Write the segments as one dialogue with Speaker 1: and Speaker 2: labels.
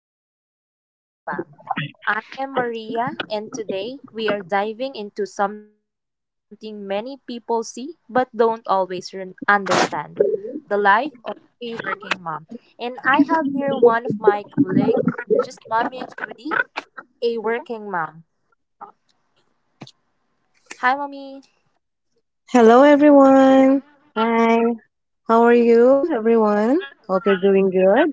Speaker 1: talk about working mom. I am Maria and today we are diving into something many people see but don't always understand, the life of a working mom. And I have here one of my colleagues, just mommy Judy, a working mom. Hi mommy.
Speaker 2: Hello, everyone. Hi. How are you, everyone? Hope you're doing good.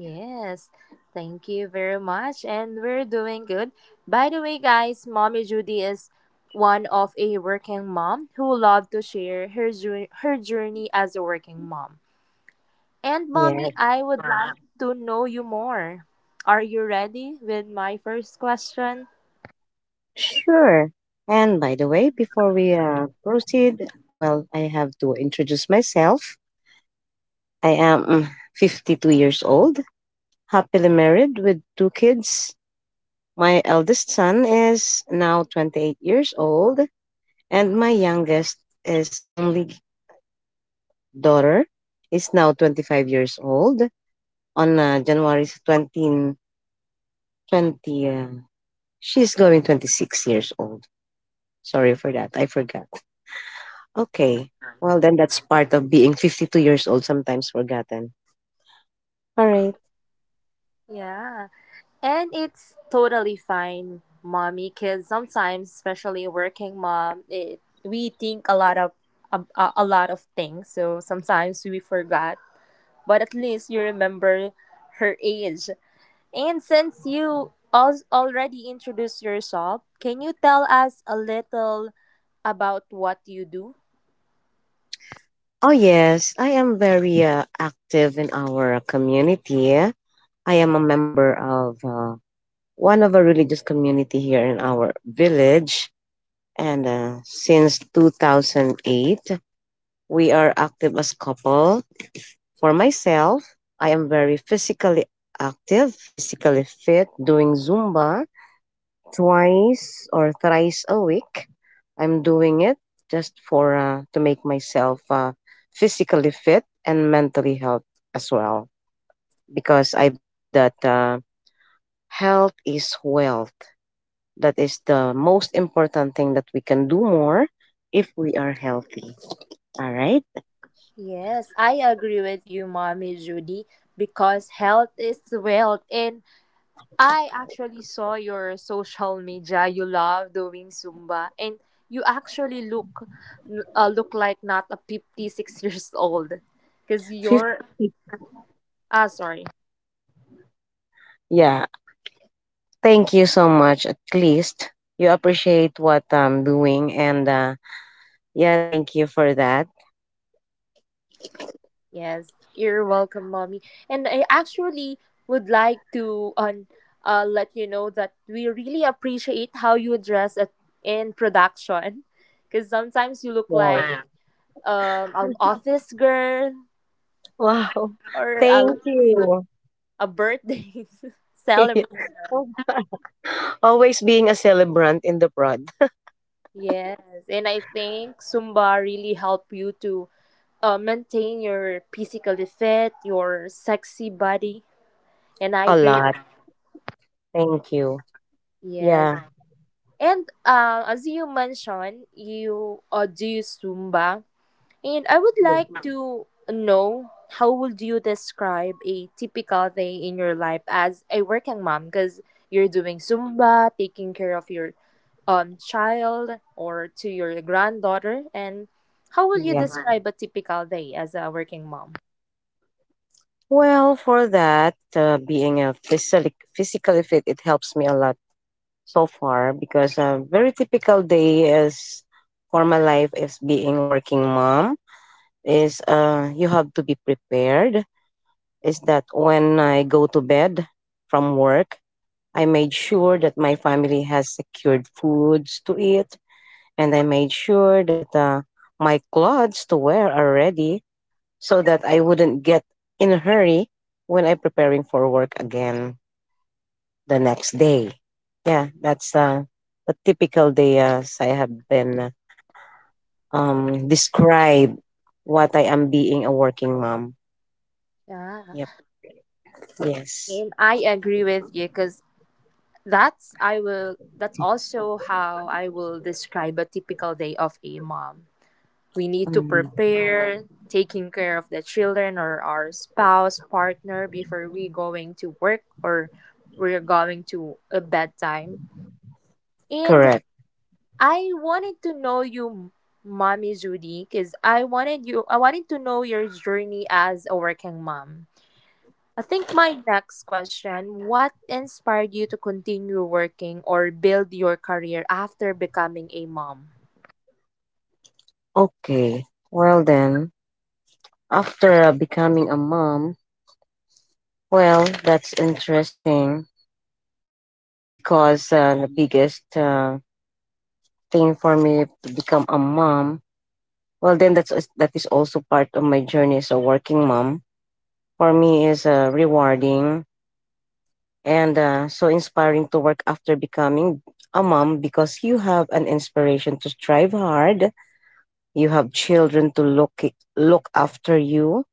Speaker 1: Yes, thank you very much. And we're doing good. By the way, guys, Mommy Judy is one of a working mom who loved to share her journey as a working mom. And, Mommy,
Speaker 2: Yes,
Speaker 1: I would like to know you more. Are you ready with my first question?
Speaker 2: sure. And by the way, before we proceed, well, I have to introduce myself. I am 52 years old, happily married with two kids. My eldest son is now 28 years old, and my youngest is only daughter is now 25 years old on January 20. 20. She's going 26 years old. Sorry for that. I forgot. Okay. Well, then that's part of being 52 years old, sometimes forgotten. All right.
Speaker 1: Yeah. And it's totally fine, mommy, because sometimes, especially working mom, we think a lot of a lot of things. So sometimes we forgot, but at least you remember her age. And since you already introduced yourself, can you tell us a little about what you do?
Speaker 2: Oh, yes. I am very active in our community. I am a member of one of a religious community here in our village. And since 2008, we are active as couple. For myself, I am very physically active, physically fit, doing Zumba twice or thrice a week. I'm doing it just for to make myself physically fit and mentally health as well because I believe that health is wealth. That is the most important thing that we can do more if we are healthy. All right.
Speaker 1: Yes, I agree with you, mommy Judy, because health is wealth, and I actually saw your social media. You love doing Zumba, and you actually look like not a 56 years old, because
Speaker 2: Fif-
Speaker 1: you're ah, sorry.
Speaker 2: yeah. Thank you so much. At least you appreciate what I'm doing. And yeah, thank you for that.
Speaker 1: Yes, you're welcome, mommy. And I actually would like to let you know that we really appreciate how you in production, because sometimes you look
Speaker 2: Wow.
Speaker 1: like an office girl
Speaker 2: Wow.
Speaker 1: or a
Speaker 2: Thank
Speaker 1: lady
Speaker 2: you.
Speaker 1: a birthday celebration.
Speaker 2: Always being a celebrant in the prod.
Speaker 1: Yes, and I think Zumba really help you to maintain your physically fit, your sexy body, and I
Speaker 2: A
Speaker 1: agree.
Speaker 2: lot. Thank you.
Speaker 1: Yes,
Speaker 2: Yeah.
Speaker 1: and as you mentioned, you do Zumba, and I would
Speaker 2: Yeah.
Speaker 1: like to know, how would you describe a typical day in your life as a working mom? Because you're doing Zumba, taking care of your child or to your granddaughter? And how will you
Speaker 2: Yeah.
Speaker 1: describe a typical day as a working mom?
Speaker 2: Well, for that, being a physically fit, it helps me a lot so far because a very typical day is for my life is being working mom is you have to be prepared is that when I go to bed from work, I made sure that my family has secured foods to eat, and I made sure that my clothes to wear are ready so that I wouldn't get in a hurry when I'm preparing for work again the next day. Yeah, that's a typical day as I have been described what I am being a working mom.
Speaker 1: Yeah,
Speaker 2: Yep. Yes.
Speaker 1: and I agree with you because that's also how I will describe a typical day of a mom. We need to
Speaker 2: Mm,
Speaker 1: prepare, taking care of the children or our spouse, partner, before we going to work or we're going to a bedtime. And
Speaker 2: correct.
Speaker 1: I wanted to know you, Mommy Judy, because I wanted to know your journey as a working mom. I think my next question: what inspired you to continue working or build your career after becoming a mom?
Speaker 2: Okay, well then, after becoming a mom, well, that's interesting because the biggest thing for me to become a mom, well then that is also part of my journey as a working mom. For me is rewarding and so inspiring to work after becoming a mom because you have an inspiration to strive hard. You have children to look after you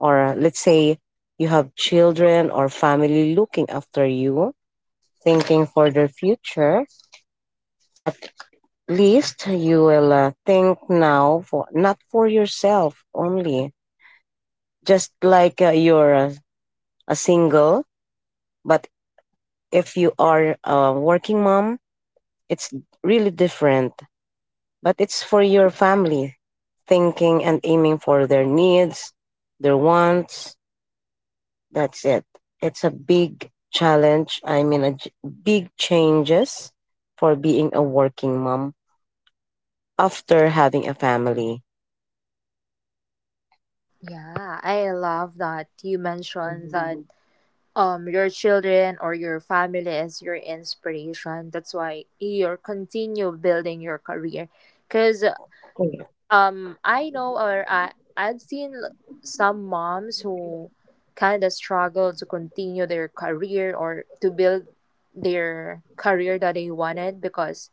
Speaker 2: or let's say you have children or family looking after you, thinking for their future, at least you will think now for not for yourself only. Just like you're a single, but if you are a working mom, it's really different. But it's for your family, thinking and aiming for their needs, their wants. That's it. It's a big challenge. I mean, big changes for being a working mom after having a family.
Speaker 1: Yeah, I love that you mentioned
Speaker 2: Mhm.
Speaker 1: that your children or your family is your inspiration. That's why you're continue building your career. Cause
Speaker 2: Correct.
Speaker 1: I know or I've seen some moms who kind of struggle to continue their career or to build their career that they wanted because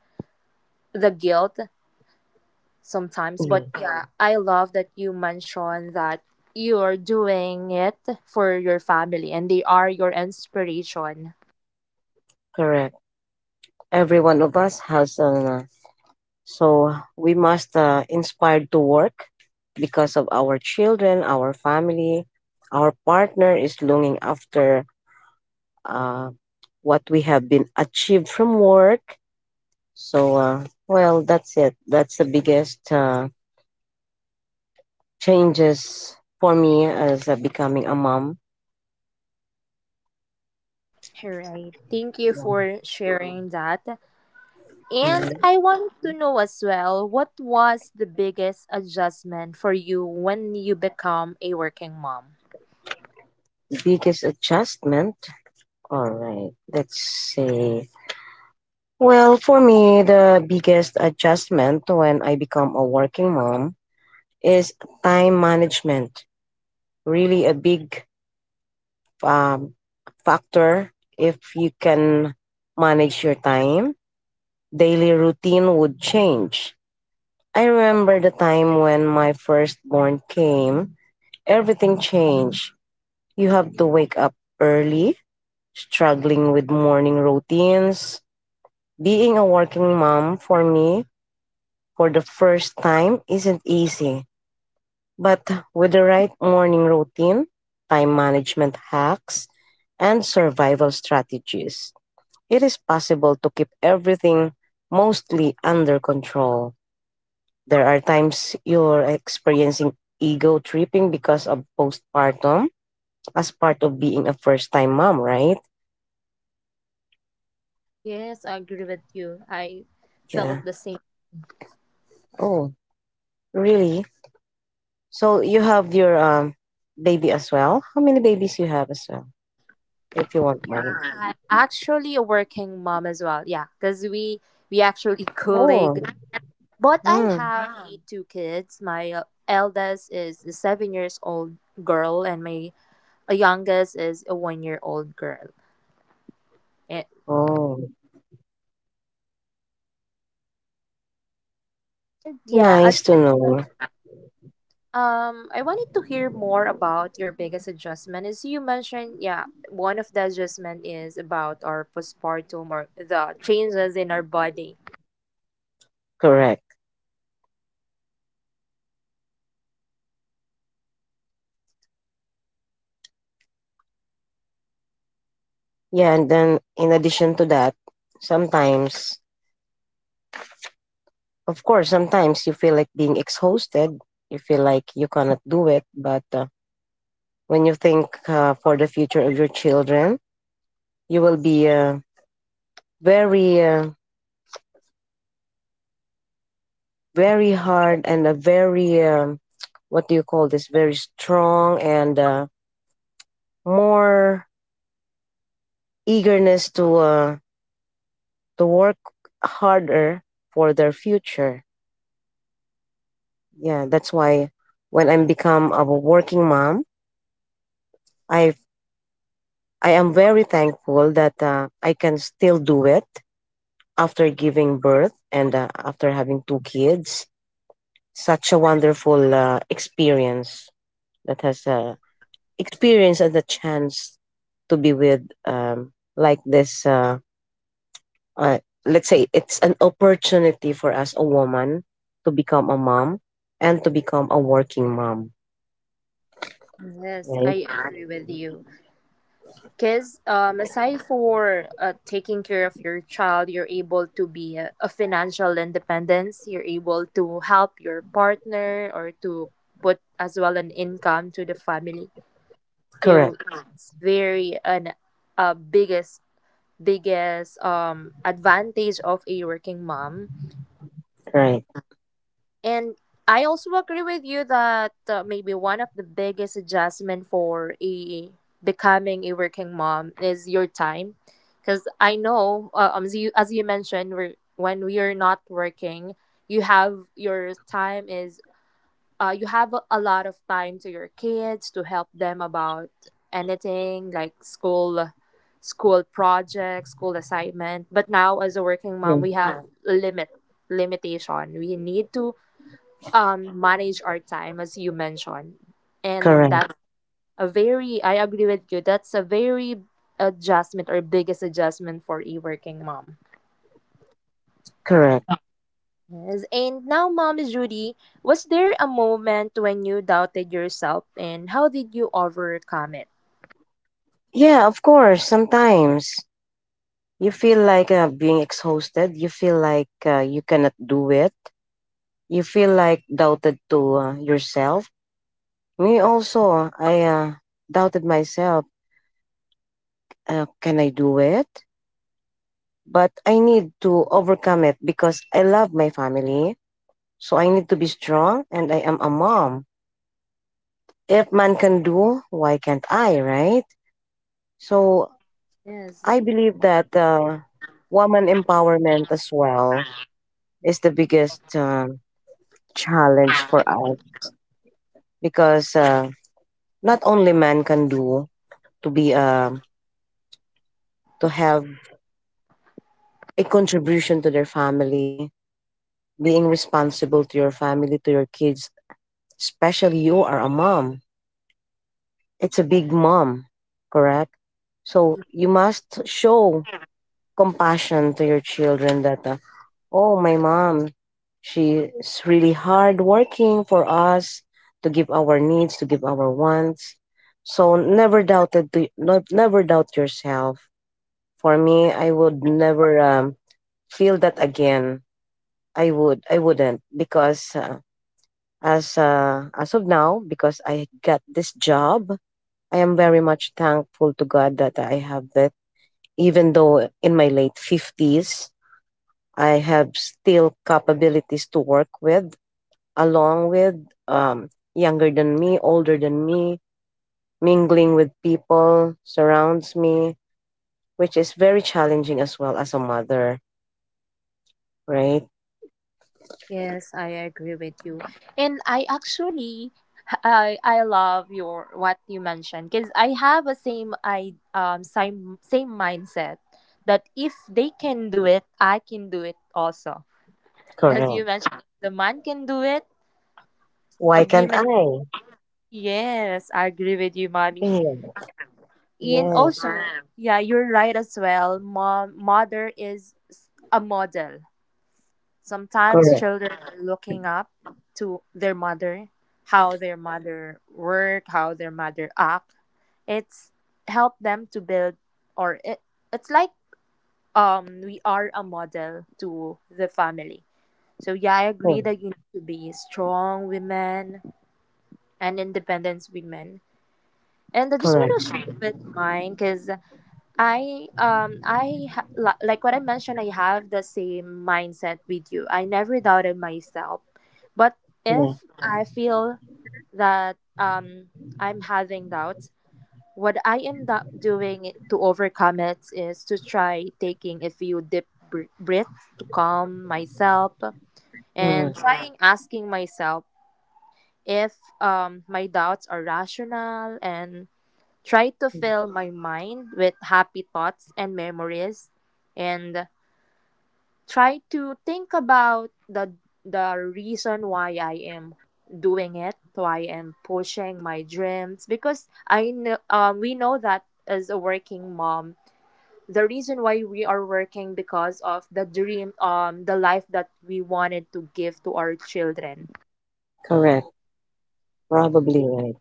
Speaker 1: the guilt sometimes.
Speaker 2: Yeah,
Speaker 1: But yeah, I love that you mentioned that you are doing it for your family and they are your inspiration.
Speaker 2: correct. Every one of us has an so we must inspired to work because of our children, our family, our partner is longing after uh, what we have been achieved from work. So well, that's it. That's the biggest changes for me as becoming a mom.
Speaker 1: All right, thank you for sharing that. And
Speaker 2: Mhm.
Speaker 1: I want to know as well, what was the biggest adjustment for you when you become a working mom?
Speaker 2: Biggest adjustment. All right, let's see. Well, for me, the biggest adjustment when I become a working mom is time management really a big um, factor? If you can manage your time, daily routine would change. I remember the time when my firstborn came, everything changed. You have to wake up early, struggling with morning routines. Being a working mom for me for the first time isn't easy. But with the right morning routine, time management hacks, and survival strategies, it is possible to keep everything mostly under control. There are times you're experiencing ego tripping because of postpartum as part of being a first time mom, right?
Speaker 1: Yes, I agree with you. I felt
Speaker 2: Yeah.
Speaker 1: the same.
Speaker 2: Oh, really? So you have your baby as well? How many babies you have as well? If you want mine.
Speaker 1: I'm actually a working mom as well. Yeah, because we actually
Speaker 2: Oh.
Speaker 1: colleague. But I
Speaker 2: Hmm.
Speaker 1: have a two kids. My eldest is a 7 years old girl, and my youngest is a 1 year old girl. A-
Speaker 2: Oh.
Speaker 1: And yeah.
Speaker 2: Nice to know.
Speaker 1: I wanted to hear more about your biggest adjustment. As you mentioned, yeah, one of the adjustment is about our postpartum or the changes in our body.
Speaker 2: Correct. Yeah, and then in addition to that, sometimes, of course, sometimes you feel like being exhausted. You feel like you cannot do it. But when you think for the future of your children, you will be very, very hard and a very, what do you call this? Very strong and more eagerness to work harder for their future. Yeah, that's why when I'm become a working mom, I I am very thankful that I can still do it after giving birth and after having two kids. Such a wonderful experience that has experience and the chance to be with like this. Uh, let's say it's an opportunity for us, a woman, to become a mom and to become a working mom.
Speaker 1: Yes,
Speaker 2: Right?
Speaker 1: I agree with you. Because aside for taking care of your child, you're able to be a financial independence. You're able to help your partner or to put as well an income to the family.
Speaker 2: Correct.
Speaker 1: So it's very an a biggest advantage of a working mom.
Speaker 2: Right.
Speaker 1: And I also agree with you that maybe one of the biggest adjustment for a becoming a working mom is your time, because I know as you mentioned, when we are not working, you have your time is you have a lot of time to your kids, to help them about anything like school projects, school assignment. But now as a working
Speaker 2: Yeah.
Speaker 1: mom we have a limit limitation, we need to manage our time as you mentioned. And
Speaker 2: Correct.
Speaker 1: that's a very I agree with you, that's a very adjustment or biggest adjustment for a working mom.
Speaker 2: Correct.
Speaker 1: Yes. And now, Mom Judy, was there a moment when you doubted yourself, and how did you overcome it?
Speaker 2: Yeah, of course. Sometimes you feel like being exhausted. You feel like you cannot do it. You feel like doubted to yourself. Me also, I doubted myself. Can I do it? But I need to overcome it because I love my family. So I need to be strong and I am a mom. If man can do, why can't I, right? So
Speaker 1: Yes.
Speaker 2: I believe that woman empowerment as well is the biggest challenge for us because not only men can do to be to have a contribution to their family, being responsible to your family, to your kids, especially you are a mom. It's a big mom, correct? So you must show compassion to your children that oh, my mom. She's really hard working for us to give our needs, to give our wants. So never doubt yourself. For me, I would never feel that again. I wouldn't because as of now because I got this job, I am very much thankful to God that I have that even though in my late 50s, I have still capabilities to work with along with younger than me, older than me, mingling with people surrounds me, which is very challenging as well as a mother, right?
Speaker 1: Yes, I agree with you. And I actually I love your what you mentioned, because I have a same, I same mindset, that if they can do it, I can do it also. As you
Speaker 2: Correct.
Speaker 1: mentioned, the man can do it, a
Speaker 2: Why can't
Speaker 1: woman.
Speaker 2: I?
Speaker 1: Yes, I agree with you, mommy.
Speaker 2: Yeah.
Speaker 1: And
Speaker 2: Yes.
Speaker 1: also, yeah, you're right as well. Mom, mother is a model. Sometimes
Speaker 2: Correct.
Speaker 1: children are looking up to their mother, how their mother work, how their mother act. It's help them to build, or it's like we are a model to the family. So yeah, I agree
Speaker 2: Correct.
Speaker 1: that you need to be strong women and independent women. And I just want
Speaker 2: Correct.
Speaker 1: to share with mine because like what I mentioned, I have the same mindset with you. I never doubted myself. But
Speaker 2: Yeah.
Speaker 1: if I feel that I'm having doubts, what I end up doing to overcome it is to try taking a few deep breaths to calm myself, and
Speaker 2: Correct.
Speaker 1: trying asking myself if my doubts are rational, and try to fill my mind with happy thoughts and memories, and try to think about the reason why I am doing it, why I am pushing my dreams, because I know we know that as a working mom, the reason why we are working because of the dream, the life that we wanted to give to our children.
Speaker 2: Correct. Probably right.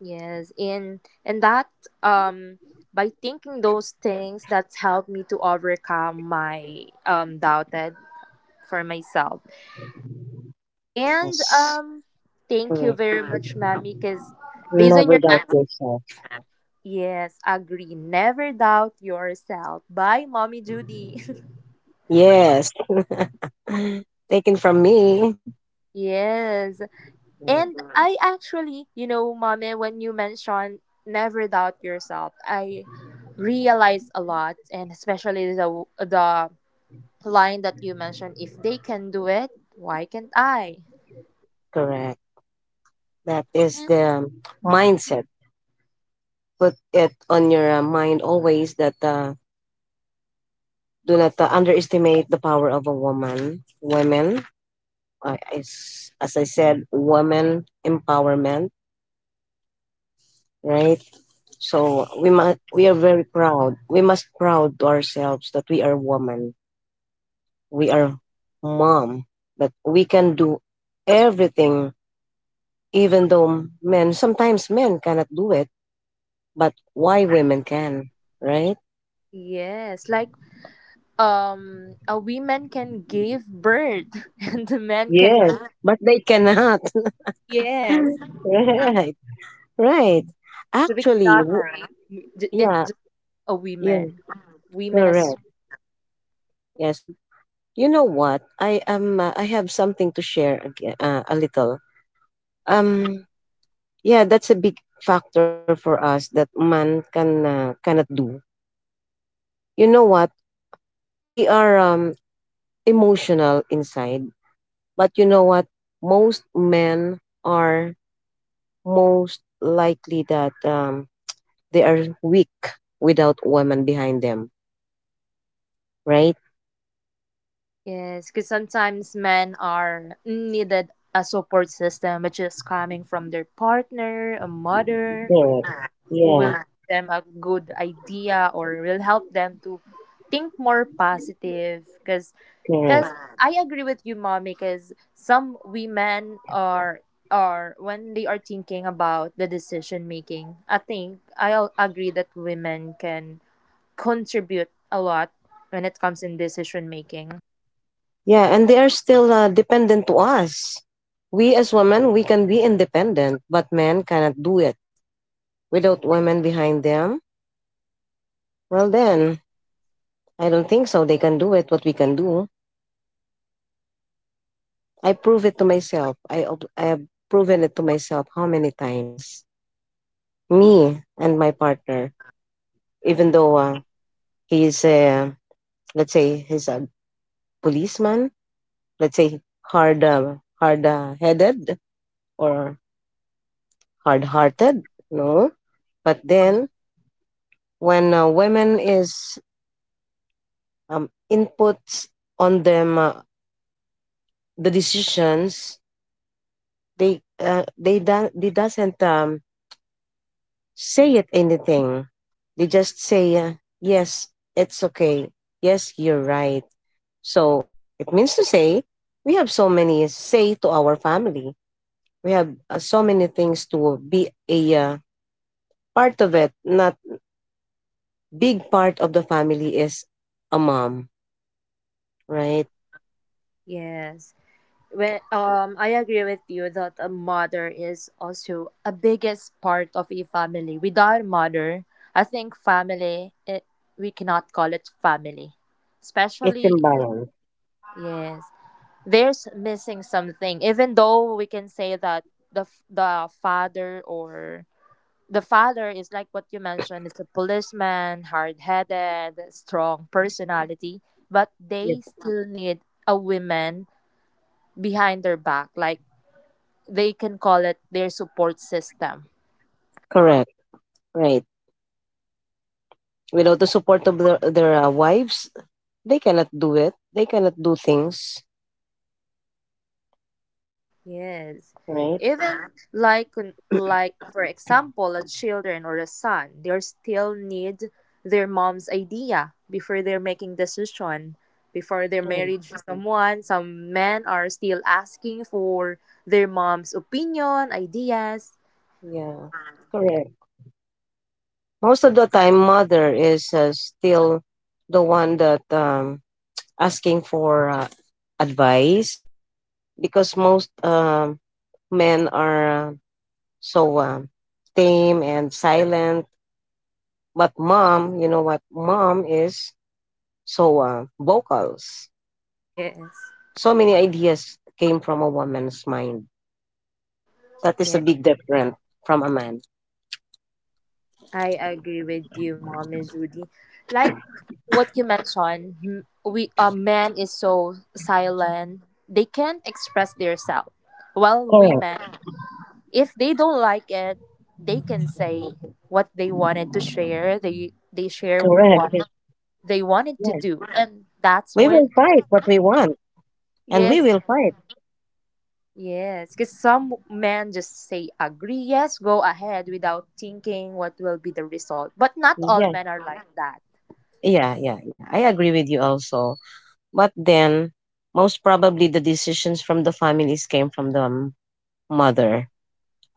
Speaker 1: Yes, and that, um by thinking those things, that's helped me to overcome my doubted for myself. And
Speaker 2: Yes.
Speaker 1: thank you
Speaker 2: Correct.
Speaker 1: very much, Mammy, because based on your
Speaker 2: Never doubt
Speaker 1: answer,
Speaker 2: yourself.
Speaker 1: yes, agree. Never doubt yourself. Bye, Mommy Judy.
Speaker 2: Yes. Taken from me.
Speaker 1: Yes.
Speaker 2: Yeah.
Speaker 1: And I actually, Mommy, when you mentioned never doubt yourself, I realized a lot, and especially the line that you mentioned, if they can do it, why can't i?
Speaker 2: Correct. That is the
Speaker 1: Mhm.
Speaker 2: mindset, put it on your mind always that do not underestimate the power of a woman. Women, as I said, women empowerment, right? So we are very proud. We must proud to ourselves that we are woman. We are mom. That we can do everything, even though men cannot do it. But why women can, right?
Speaker 1: Yes, like a woman can give birth and the man can.
Speaker 2: Yes,
Speaker 1: Ah.
Speaker 2: but they cannot.
Speaker 1: Yes,
Speaker 2: Right. Right.
Speaker 1: so we
Speaker 2: Actually,
Speaker 1: cannot
Speaker 2: w-
Speaker 1: say it
Speaker 2: yeah,
Speaker 1: just a
Speaker 2: yeah,
Speaker 1: woman, women as.
Speaker 2: correct. Yes. You know what? I have something to share again, a little. Um yeah, that's a big factor for us that man can cannot do. You know what? We are emotional inside, but you know what? Most men are most likely that they are weak without women behind them, right?
Speaker 1: Yes, because sometimes men are needed a support system, which is coming from their partner, a mother,
Speaker 2: Correct.
Speaker 1: who will
Speaker 2: Yeah,
Speaker 1: give them a good idea or will help them to think more positive, because
Speaker 2: correct.
Speaker 1: because I agree with you mommy, because some women are, when they are thinking about the decision making, I think I'll agree that women can contribute a lot when it comes in decision making.
Speaker 2: Yeah, and they are still dependent to us. We as women, we can be independent, but men cannot do it. Without women behind them, well then, I don't think so. They can do it, what we can do. I prove it to myself. I have proven it to myself how many times. Me and my partner, even though he's, uh, let's say, he's a policeman, let's say, hard-headed or hard-hearted, no? But then when women is inputs on them the decisions they doesn't say it anything, they just say yes, it's okay, yes, you're right. So it means to say we have so many say to our family. We have so many things to be a part of it. Not big part of the family is a mom, right?
Speaker 1: Yes. When I agree with you that a mother is also a biggest part of a family. Without mother, I think family, we cannot call it family.
Speaker 2: It's
Speaker 1: Especially,
Speaker 2: imbalance.
Speaker 1: yes, there's missing something. Even though we can say that the father or the father is like what you mentioned, it's a policeman, hard headed, strong personality, but they
Speaker 2: Yes,
Speaker 1: still need a woman behind their back, like they can call it their support system.
Speaker 2: correct. Right. Without the support of their wives, they cannot do it. They cannot do things,
Speaker 1: Yes.
Speaker 2: right?
Speaker 1: Even like for example a children or a son, they still need their mom's idea before they're making decision. Before their
Speaker 2: Mm,
Speaker 1: marriage to someone, some men are still asking for their mom's opinion, ideas.
Speaker 2: yeah, correct. Most of the time, mother is still the one that asking for advice because most men are so tame and silent. But mom, you know what? Mom is so vocals.
Speaker 1: Yes.
Speaker 2: So many ideas came from a woman's mind. That is a big difference from a man.
Speaker 1: I agree with you, Mom and Judy. Like what you mentioned, m- we a man is so silent, they can't express themselves. While women,
Speaker 2: Correct.
Speaker 1: if they don't like it, they can say what they wanted to share. They share
Speaker 2: Correct.
Speaker 1: what
Speaker 2: Yes.
Speaker 1: they wanted to
Speaker 2: Yes.
Speaker 1: do, and that's
Speaker 2: We
Speaker 1: when,
Speaker 2: will fight what we want and we
Speaker 1: yes,
Speaker 2: will fight.
Speaker 1: yes, because some men just say agree, yes, go ahead without thinking what will be the result. But not all
Speaker 2: Yes.
Speaker 1: men are like that.
Speaker 2: Yeah, yeah, yeah. I agree with you also. But then, most probably the decisions from the families came from the mother.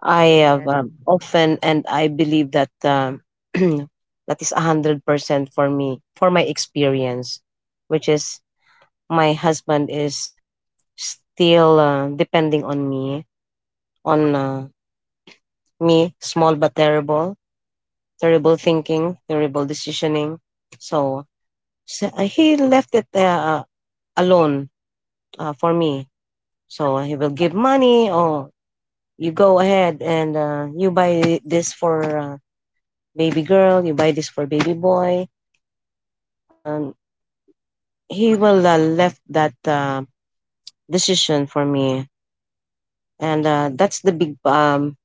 Speaker 2: I have
Speaker 1: Yes.
Speaker 2: often, and I believe that that is 100% for me, for my experience, which is my husband is still depending on me small but terrible, terrible thinking, terrible decisioning. So, so he left it alone for me. So he will give money, or you go ahead and you buy this for baby girl. You buy this for baby boy. Um, he will left that decision for me, and that's the big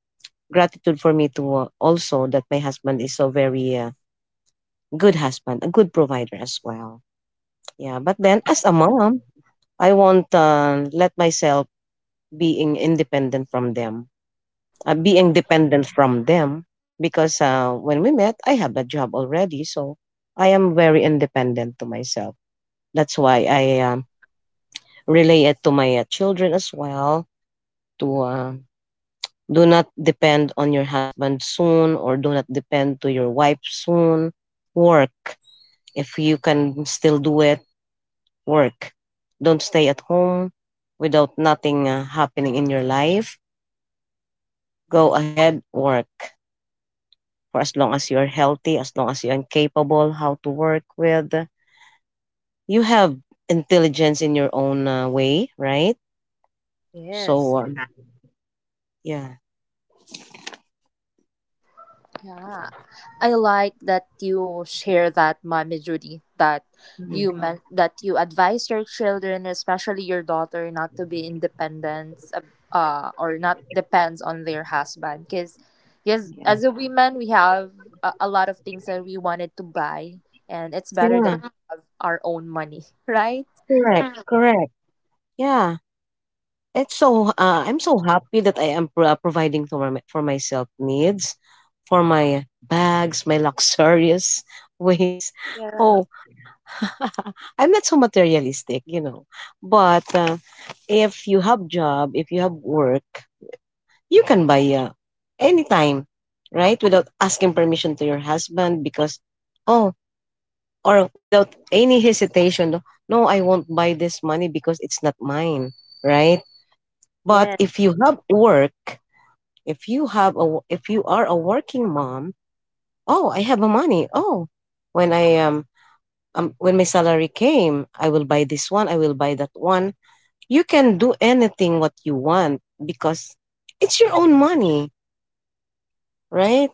Speaker 2: gratitude for me to also that my husband is so very good husband, a good provider as well. Yeah, but then as a mom, I won't let myself being independent from them. Being dependent from them because when we met, I have a job already, so I am very independent to myself. That's why I relay it to my children as well to do not depend on your husband soon or do not depend to your wife soon. Work if you can still do it work. Don't stay at home without nothing happening in your life. Go ahead, work. For as long as you are healthy, as long as you are capable how to work with, you have intelligence in your own way, right?
Speaker 1: Yes,
Speaker 2: So, yeah.
Speaker 1: yeah. I like that you share that, Mommy Judy, that
Speaker 2: Mhm.
Speaker 1: you meant that you advise your children, especially your daughter, not to be independent, or not depends on their husband. Because, yes,
Speaker 2: Yeah.
Speaker 1: as a woman, we have a lot of things that we wanted to buy, and it's better
Speaker 2: Yeah,
Speaker 1: that we have our own money, right?
Speaker 2: correct, correct. Yeah, it's so. I'm so happy that I am providing for my for myself needs, for my bags, my luxurious ways.
Speaker 1: Yeah.
Speaker 2: Oh, I'm not so materialistic. But if you have job, if you have work, you can buy anytime, right? Without asking permission to your husband because oh, or without any hesitation, no, I won't buy this money because it's not mine, right? But
Speaker 1: Yeah.
Speaker 2: if you have work, if you are a working mom, oh, I have a money. Oh, when I when my salary came, I will buy this one, I will buy that one, you can do anything what you want because it's your own money, right?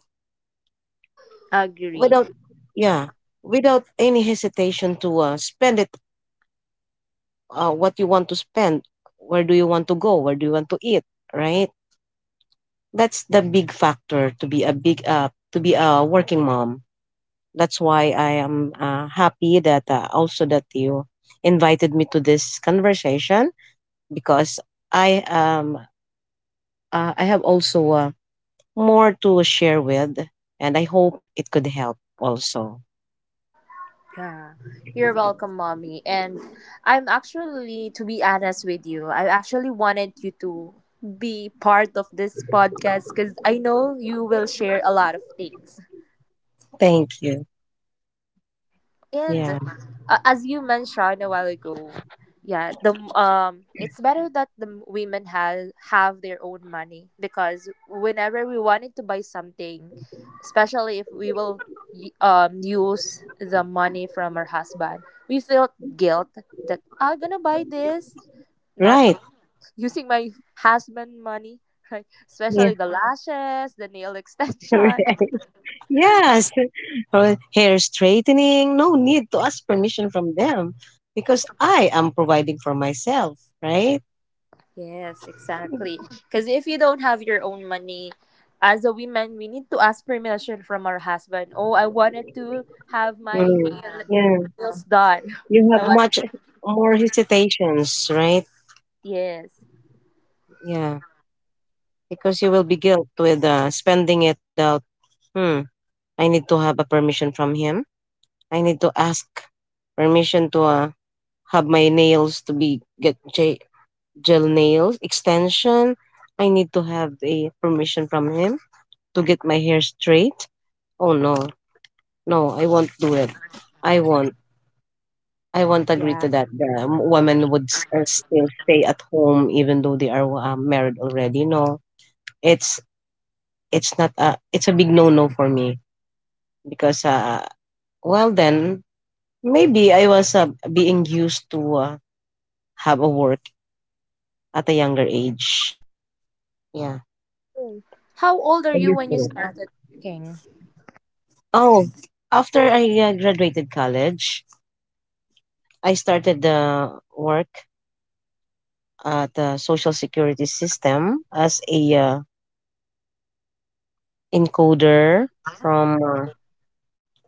Speaker 1: Agree.
Speaker 2: Without, yeah, without any hesitation to spend it, what you want to spend, where do you want to go, where do you want to eat, right? That's the big factor to be a working mom. That's why I am happy that also that you invited me to this conversation because I um I have also more to share with, and I hope it could help also.
Speaker 1: Yeah, you're welcome, mommy. And I'm actually, to be honest with you, I actually wanted you to be part of this podcast because I know you will share a lot of things.
Speaker 2: Thank you.
Speaker 1: And
Speaker 2: Yeah.
Speaker 1: as you mentioned a while ago, yeah, the it's better that the women have their own money because whenever we wanted to buy something, especially if we will use the money from our husband, we feel guilt that I'm gonna buy this, not
Speaker 2: Right.
Speaker 1: using my husband money, right?
Speaker 2: Yeah.
Speaker 1: Especially the lashes, the nail extension.
Speaker 2: Yes. Or hair straightening. No need to ask permission from them because I am providing for myself, right?
Speaker 1: Yes, exactly. Because if you don't have your own money, as a woman, we need to ask permission from our husband. Oh, I wanted to have my
Speaker 2: Mm. Yeah.
Speaker 1: nails done.
Speaker 2: You have
Speaker 1: I want.
Speaker 2: much more hesitations, right?
Speaker 1: Yes.
Speaker 2: Yeah. Because you will be guilt with spending it without, hmm, I need to have a permission from him. I need to ask permission to have my nails to be get gel nails extension. I need to have the permission from him to get my hair straight. Oh no, no, I won't do it. I won't. I won't agree
Speaker 1: Yeah.
Speaker 2: to that. The women would still stay at home even though they are married already. No, it's it's not a it's a big no no for me because well then maybe I was being used to have a work at a younger age. Yeah.
Speaker 1: Oh. How old are
Speaker 2: Thank
Speaker 1: you
Speaker 2: you,
Speaker 1: when you
Speaker 2: sir.
Speaker 1: started working?
Speaker 2: Oh, after I graduated college, I started the work at the social security system as a
Speaker 1: It-
Speaker 2: encoder from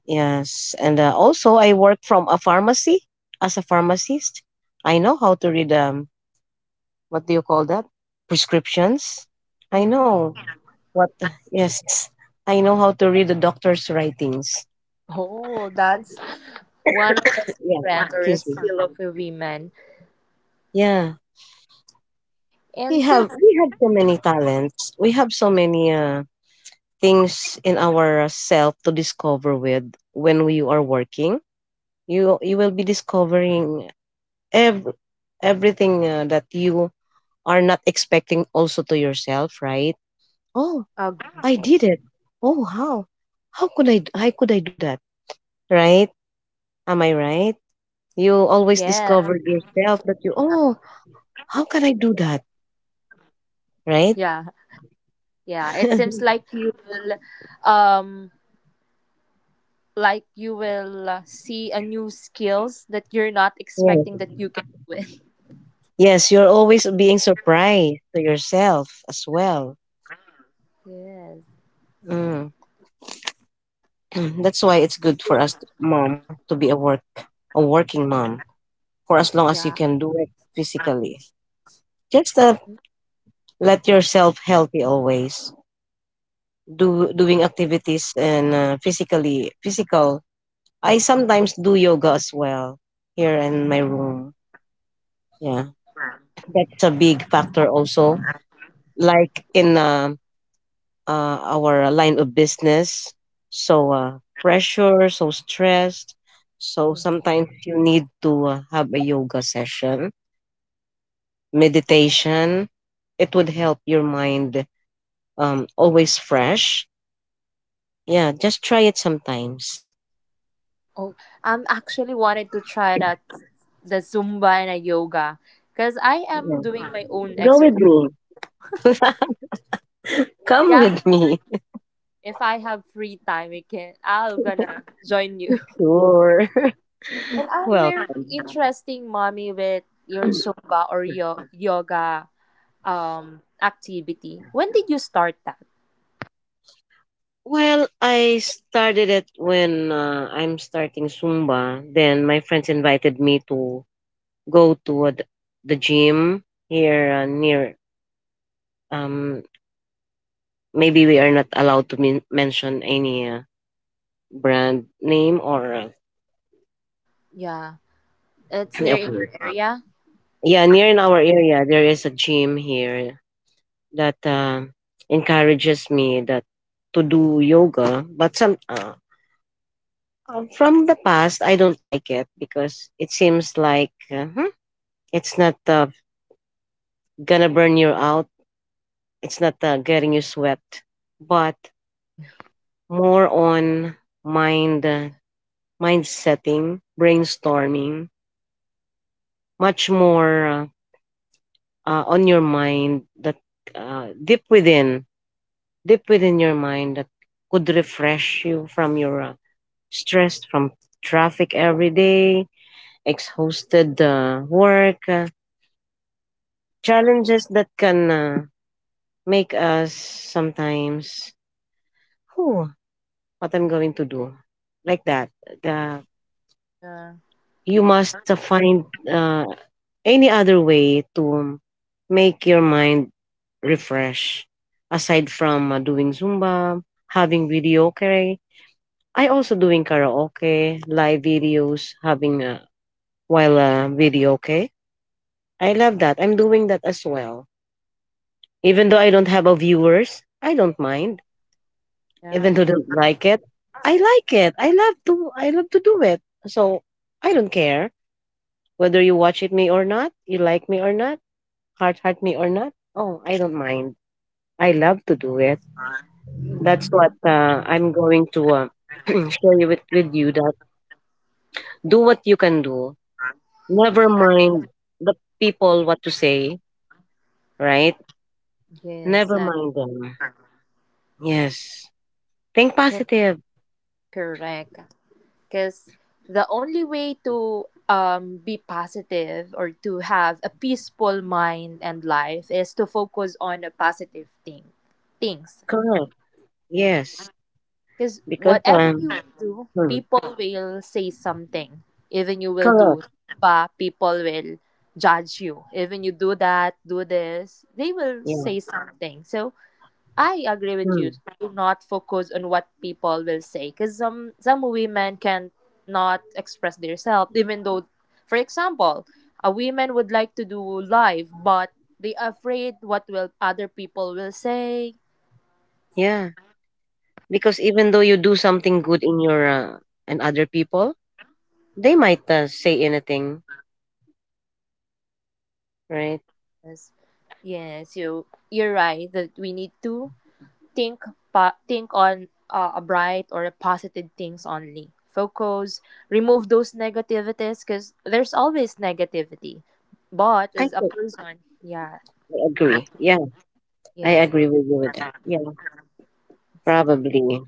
Speaker 2: yes, and also I work from a pharmacy as a pharmacist. I know how to read what do you call that? Prescriptions. I
Speaker 1: Mm.
Speaker 2: know what, yes, I know how to read the doctor's writings.
Speaker 1: Oh, that's one of the
Speaker 2: Yeah,
Speaker 1: strength or a
Speaker 2: excuse me.
Speaker 1: skill of a woman.
Speaker 2: Yeah. We
Speaker 1: And since
Speaker 2: have we have so many talents. We have so many things in our self to discover with when we are working. You will be discovering ev- everything that you are not expecting also to yourself, right? Oh, I
Speaker 1: Agree.
Speaker 2: did it. Oh, how? How could how could I do that? Right? Am I right? You always
Speaker 1: yeah,
Speaker 2: discover yourself that you, oh, how can I do that? Right?
Speaker 1: yeah, yeah, it seems um like you will see a new skills that you're not
Speaker 2: Yeah.
Speaker 1: expecting that you can do it.
Speaker 2: Yes, you're always being surprised to yourself as well.
Speaker 1: Yes.
Speaker 2: Mm. That's why it's good for us, mom, to be a working mom for as long as you
Speaker 1: Yeah.
Speaker 2: can do it physically. Just let yourself healthy always. Do doing activities and physically physical. I sometimes do yoga as well here in my room. Yeah, that's a big factor also. Like in our line of business. So pressure, so stressed. So
Speaker 1: Mhm.
Speaker 2: sometimes you need to have a yoga session, meditation. It would help your mind always fresh. Yeah, just try it sometimes.
Speaker 1: Oh, I'm actually wanted to try that the Zumba and a yoga because I
Speaker 2: Yeah.
Speaker 1: am doing my own
Speaker 2: Go with
Speaker 1: exercise.
Speaker 2: me. Come
Speaker 1: Yeah.
Speaker 2: with me.
Speaker 1: If I have free time, we can. I'm gonna join you.
Speaker 2: Sure.
Speaker 1: And I'm
Speaker 2: well,
Speaker 1: very interesting, mommy, with your Zumba or yoga activity. When did you start that?
Speaker 2: well, I started it when I'm starting Zumba. Then my friends invited me to go to the gym here near um maybe we are not allowed to mention any brand name or
Speaker 1: Yeah, it's near
Speaker 2: okay,
Speaker 1: in your area.
Speaker 2: yeah, near in our area there is a gym here that encourages me that to do yoga but some from the past I don't like it because it seems like hmm, it's not gonna burn you out, it's not getting you sweat, but more on mind uh, mind setting, brainstorming, much more on your mind that uh, deep within, deep within your mind that could refresh you from your stress from traffic every day, exhausted work, challenges that can make us sometimes, whew, what I'm going to do, like that. The,
Speaker 1: Yeah.
Speaker 2: you must find uh, any other way to make your mind refresh aside from doing Zumba, having videoke? I also doing karaoke, live videos, having while videoke. I love that. I'm doing that as well. Even though I don't have a viewers, I don't mind. Even
Speaker 1: Yeah.
Speaker 2: though I don't like it. I love to. I love to do it. So I don't care whether you watch it me or not, you like me or not, heart me or not. Oh, I don't mind. I love to do it.
Speaker 1: Y-
Speaker 2: That's what I'm going to share you with you that do what you can do. Never mind the people what to say, right?
Speaker 1: Yes.
Speaker 2: Never mind them. Yes. Think
Speaker 1: 'Cause-
Speaker 2: positive.
Speaker 1: correct. Because the only way to be positive or to have a peaceful mind and life is to focus on a positive things.
Speaker 2: Correct.
Speaker 1: Yes.
Speaker 2: Yes.
Speaker 1: Because
Speaker 2: Because,
Speaker 1: whatever you will do,
Speaker 2: hmm,
Speaker 1: people will say something. Even you will
Speaker 2: correct.
Speaker 1: do, but people will judge you. Even you do that, do this, they will
Speaker 2: Yeah.
Speaker 1: say something. So I agree with
Speaker 2: Hmm.
Speaker 1: you. Do not focus on what people will say, because some women can not express themselves, even though, for example, a woman would like to do live, but they are afraid what will other people will say.
Speaker 2: Yeah. Because even though you do something good in your, and other people, they might say anything, right?
Speaker 1: Yes, yes, you you're right that we need to think think on a bright or a positive things only focus, remove those negativities because there's always negativity, but as a
Speaker 2: Think
Speaker 1: person, yeah.
Speaker 2: I agree. Yeah. I
Speaker 1: Yes.
Speaker 2: agree with you with that. Yeah. Probably.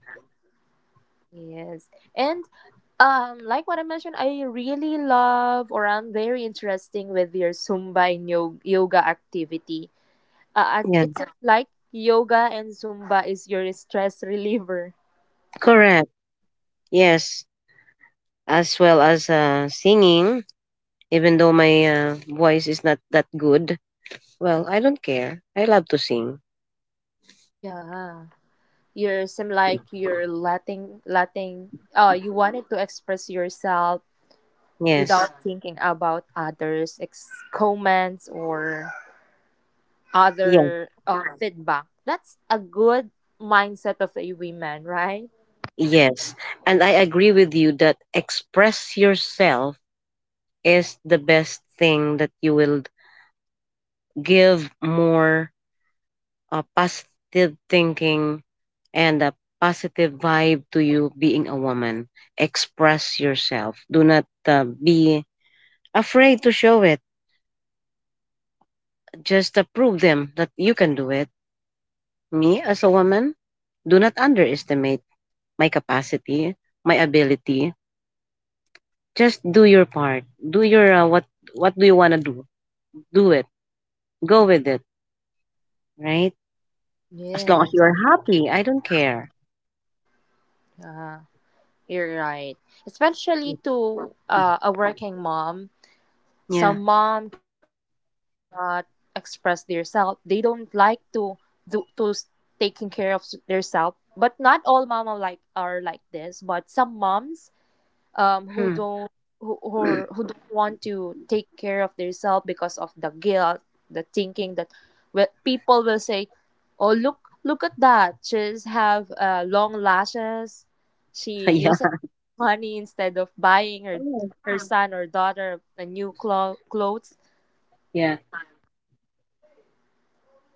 Speaker 1: Yes. And like what I mentioned, I really love or I'm very interesting with your Zumba and yoga activity.
Speaker 2: Yeah,
Speaker 1: It seems like yoga and Zumba is your stress reliever.
Speaker 2: correct. Yes, as well as singing, even though my voice is not that good. Well, I don't care. I love to sing.
Speaker 1: Yeah, you seem like you're letting you wanted to express yourself
Speaker 2: Yes,
Speaker 1: without thinking about others comments or
Speaker 2: yes,
Speaker 1: other feedback. That's a good mindset of a woman, right?
Speaker 2: yes. And I agree with you that express yourself is the best thing that you will give more positive thinking and a positive vibe to you being a woman. Express yourself. Do not be afraid to show it. Just to prove them that you can do it. Me, as a woman, do not underestimate my capacity, my ability. Just do your part. Do your what do you want to do? Do it. Go with it, right? As long as
Speaker 1: Yes.
Speaker 2: you are happy, I don't care.
Speaker 1: uh, you're right, especially to a working mom. Some
Speaker 2: Yeah.
Speaker 1: mom cannot express themselves. They don't like to do to taking care of themselves. But not all mom are like this. But some moms who
Speaker 2: Hmm.
Speaker 1: don't who don't want to take care of themselves because of the guilt, the thinking that, well, people will say, "Oh, look at that! She's have long lashes. She
Speaker 2: Yeah.
Speaker 1: uses money instead of buying her
Speaker 2: Oh,
Speaker 1: her son or daughter a new clothes."
Speaker 2: yeah.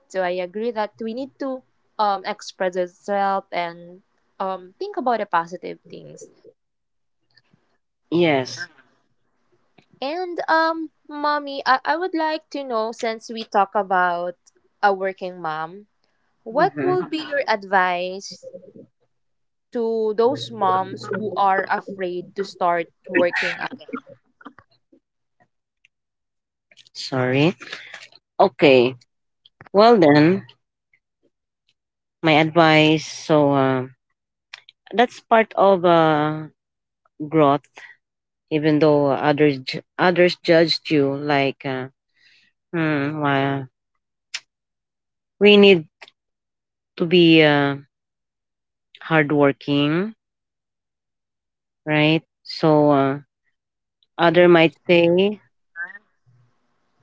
Speaker 1: So I agree that we need to express ourselves and think about the positive things.
Speaker 2: Yes.
Speaker 1: And mommy, I would like to know, since we talk about a working mom, what
Speaker 2: Mm-hmm.
Speaker 1: will be your advice to those moms who are afraid to start working again?
Speaker 2: Sorry. Okay. Well then, my advice. So that's part of growth, even though others judged you like hmm, why we need to be hardworking, right? So other might
Speaker 1: Yes,
Speaker 2: say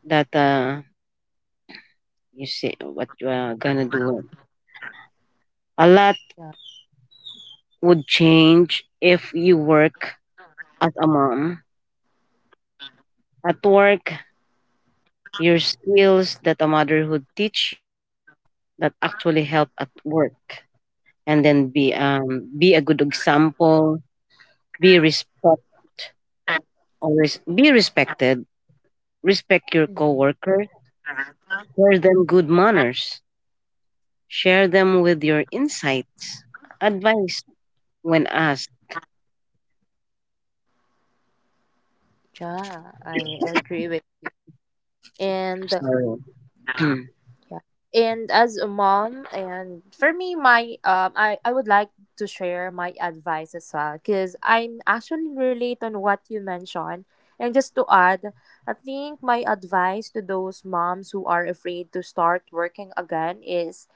Speaker 2: that you see what you are gonna do, a lot
Speaker 1: yeah,
Speaker 2: would change if you work as a mom at work, your skills that a motherhood teach you that actually help at work, and then be a good example, be respect. Always be respected. Respect your
Speaker 1: hmm,
Speaker 2: coworker. Share them good manners. Share them with your insights, advice when asked.
Speaker 1: yeah, I agree with. And
Speaker 2: Sorry.
Speaker 1: Yeah. And as a mom, and for me, my I would like to share my advice as well because I'm actually relate on what you mentioned. And just to add, I think my advice to those moms who are afraid to start working again is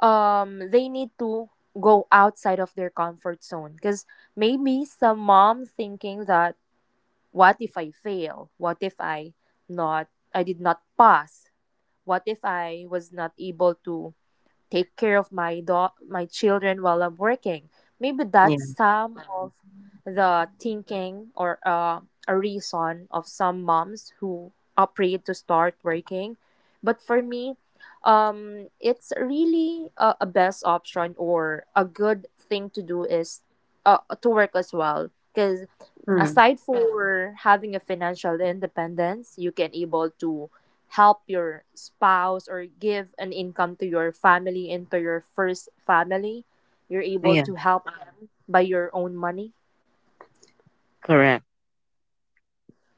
Speaker 1: they need to go outside of their comfort zone because maybe some mom thinking that, what if I fail? What if I not, I did not pass? What if I was not able to take care of my my children while I'm working? Maybe
Speaker 2: Yeah.
Speaker 1: that's some of the thinking or a reason of some moms who are afraid to start working. But for me, it's really a best option or a good thing to do is to work as well because
Speaker 2: Hmm.
Speaker 1: aside for having a financial independence, you can able to help your spouse or give an income to your family and to your first family, you're able
Speaker 2: Yeah.
Speaker 1: to help them by your own money.
Speaker 2: Correct.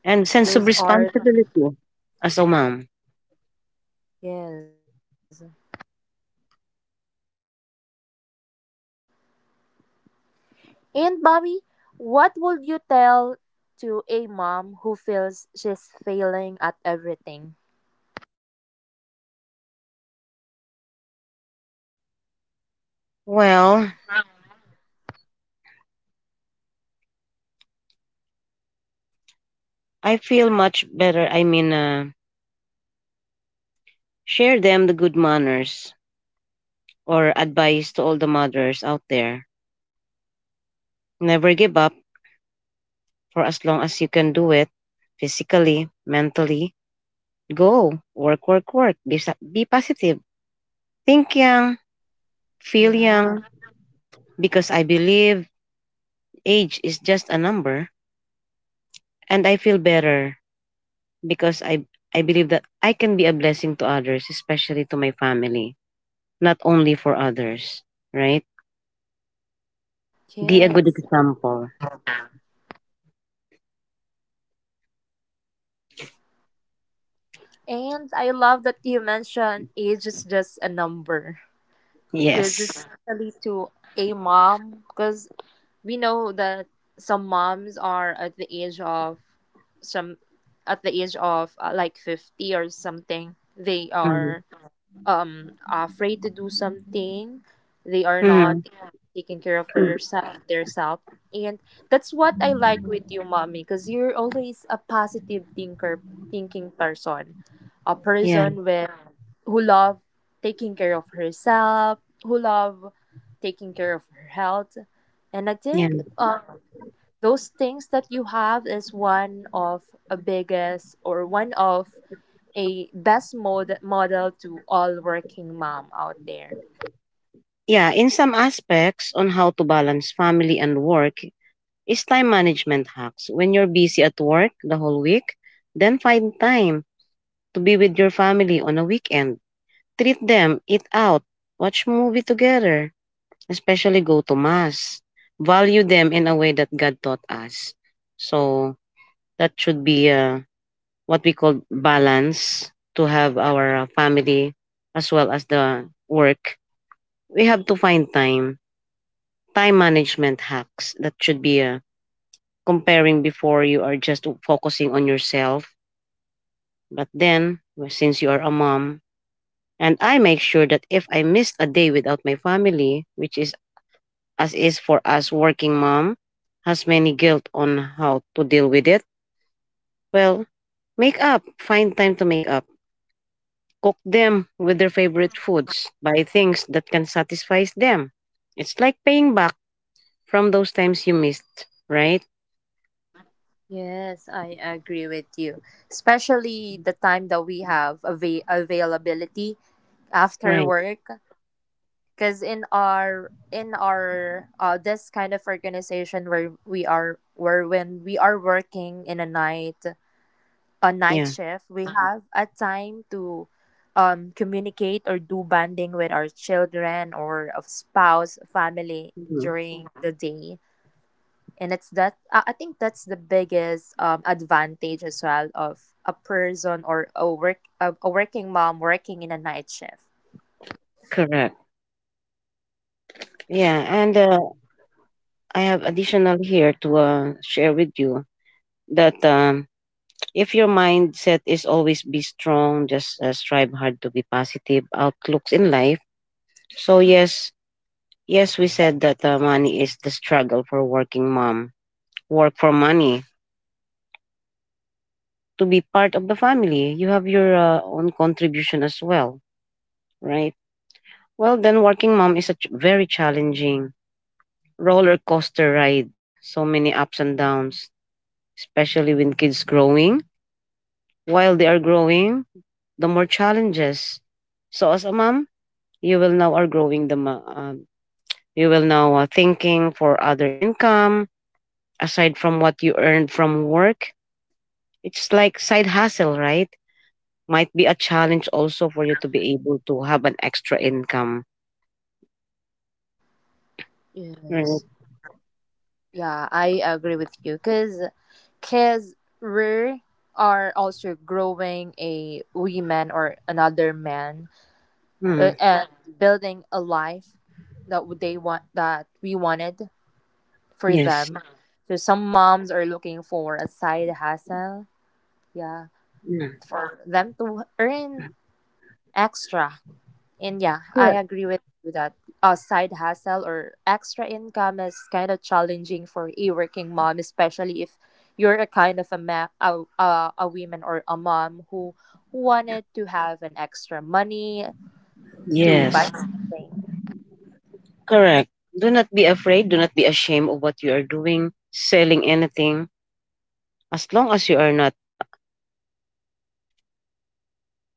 Speaker 2: And sense of
Speaker 1: Those are
Speaker 2: responsibility as a mom.
Speaker 1: yes. And bobby, what would you tell to a mom who feels she's failing at everything?
Speaker 2: Well, I feel much better. I mean, share them the good manners or advice to all the mothers out there. Never give up for as long as you can do it physically, mentally. Go, work, work, work. Be positive. Think young, feel
Speaker 1: Yeah.
Speaker 2: young, because I believe age is just a number. And I feel better because I believe that I can be a blessing to others, especially to my family, not only for others, right? Be a good
Speaker 1: Yes.
Speaker 2: example.
Speaker 1: And I love that you mentioned age is just a number, because
Speaker 2: Yes.
Speaker 1: especially to a mom, because we know that some moms are at the age of some at the age of like 50 or something, they
Speaker 2: Mhm.
Speaker 1: are afraid to do something, they are not
Speaker 2: Mhm.
Speaker 1: taking care of yourself their self. And that's what I like with you, mommy, because you're always a positive thinker thinking person, a
Speaker 2: Yeah,
Speaker 1: person with who love taking care of herself, who love taking care of her health. And I
Speaker 2: yeah.
Speaker 1: think those things that you have is one of a biggest or one of a best model to all working mom out there.
Speaker 2: Yeah, in some aspects on how to balance family and work is time management hacks. When you're busy at work the whole week, then find time to be with your family on a weekend. Treat them, eat out, watch movie together, especially go to mass. Value them in a way that God taught us. So that should be what we call balance to have our family as well as the work. We have to find time management hacks that should be comparing before you are just focusing on yourself. But then, well, since you are a mom, and I make sure that if I missed a day without my family, which is as is for us working mom, has many guilt on how to deal with it. Well, make up, find time to make up. Cook them with their favorite foods, buy things that can satisfy them. It's like paying back from those times you missed, right?
Speaker 1: Yes, I agree with you. Especially the time that we have availability after
Speaker 2: Right.
Speaker 1: work, because in our this kind of organization where we are where when we are working in a night. A night
Speaker 2: Yeah.
Speaker 1: shift, we Mhm. have a time to communicate or do bonding with our children or of spouse, family
Speaker 2: Mhm.
Speaker 1: during Mhm. the day. And it's that I think that's the biggest advantage as well of a person or a work a working mom working in a night shift.
Speaker 2: Correct. Yeah, and I have additional here to share with you that if your mindset is always be strong, just strive hard to be positive outlooks in life. So yes, yes, we said that money is the struggle for working mom. Work for money to be part of the family. You have your own contribution as well, right? Well, then working mom is very challenging roller coaster ride. So many ups and downs, especially when kids growing while they are growing the more challenges. So as a mom, you will now are growing you will now thinking for other income aside from what you earned from work. It's like side hustle, right? Might be a challenge also for you to be able to have an extra income. Right.
Speaker 1: Yes. Yeah, I agree with you because kids, we are also growing a women or another man,
Speaker 2: Hmm.
Speaker 1: and building a life that they want that we wanted for
Speaker 2: Yes.
Speaker 1: them. So some moms are looking for a side hustle, yeah,
Speaker 2: Yeah.
Speaker 1: for them to earn extra. And yeah, I
Speaker 2: Correct.
Speaker 1: agree with you that a side hustle or extra income is kind of challenging for a working mom, especially if you're a kind of a a woman or a mom who wanted to have an extra money to buy
Speaker 2: Yes,
Speaker 1: something.
Speaker 2: correct. Do not be afraid. Do not be ashamed of what you are doing, selling anything, as long as you are not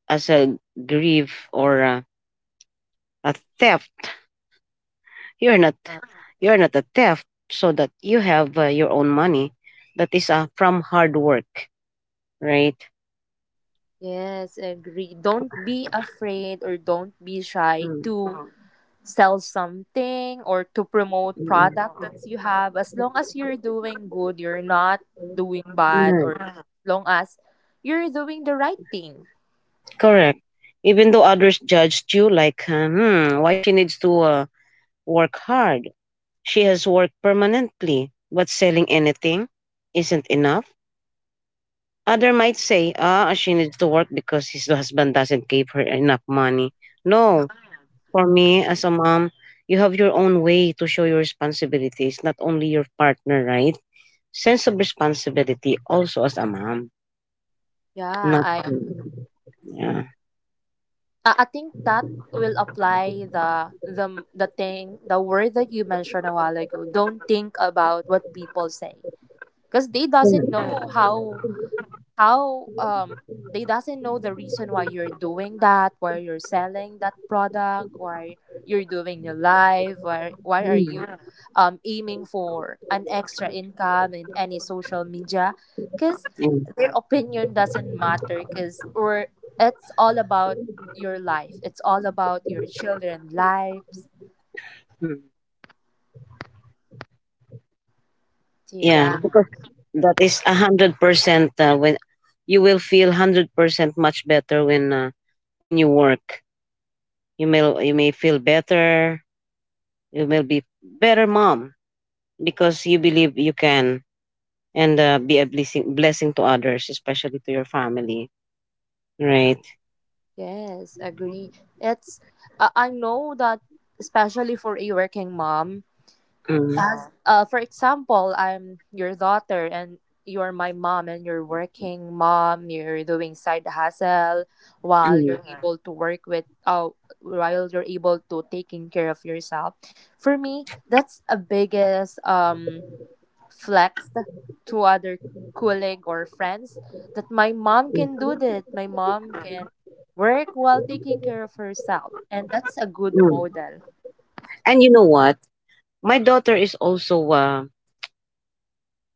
Speaker 2: as a grief or a theft. You're not
Speaker 1: Yeah.
Speaker 2: you're not a theft, so that you have your own money that is from hard work, right?
Speaker 1: Yes, agree. Don't be afraid or don't be shy
Speaker 2: Mm,
Speaker 1: to sell something or to promote
Speaker 2: mm, mm.
Speaker 1: product that you have. As long as you're doing good, you're not doing bad,
Speaker 2: Right.
Speaker 1: or as long as you're doing the right thing.
Speaker 2: Correct. Even though others judged you like, hmm, why she needs to work hard? She has worked permanently, but selling anything isn't enough. Other might say, ah, she needs to work because his husband doesn't give her enough money. No. For me, as a mom, you have your own way to show your responsibilities, not only your partner, right? Sense of responsibility also as a mom,
Speaker 1: Yeah,
Speaker 2: not
Speaker 1: I
Speaker 2: yeah.
Speaker 1: I I think that will apply the the thing, the word that you mentioned a while ago. Don't think about what people say because they doesn't know how they doesn't know the reason why you're doing that, why you're selling that product, why you're doing your life, why are
Speaker 2: Mm,
Speaker 1: you aiming for an extra income in any social media, because
Speaker 2: mm,
Speaker 1: their opinion doesn't matter, because we're it's all about your life, it's all about your children lives.
Speaker 2: mm.
Speaker 1: So
Speaker 2: Yeah,
Speaker 1: yeah,
Speaker 2: because that is 100% when you will feel 100% much better when you work. You may feel better. You will be better mom because you believe you can and be a blessing to others, especially to your family. Right.
Speaker 1: yes, agree. It's I know that, especially for a working mom.
Speaker 2: Mm,
Speaker 1: As for example, I'm your daughter and you're my mom and you're working mom, you're doing side hustle while
Speaker 2: mm,
Speaker 1: you're Mhm. able to work with while you're able to taking care of yourself. For me, that's a biggest flex to other colleague or friends, that my mom can
Speaker 2: mm,
Speaker 1: do that. My mom can work while taking care of herself. And that's a good
Speaker 2: mm.
Speaker 1: model.
Speaker 2: And you know what? My daughter is also uh,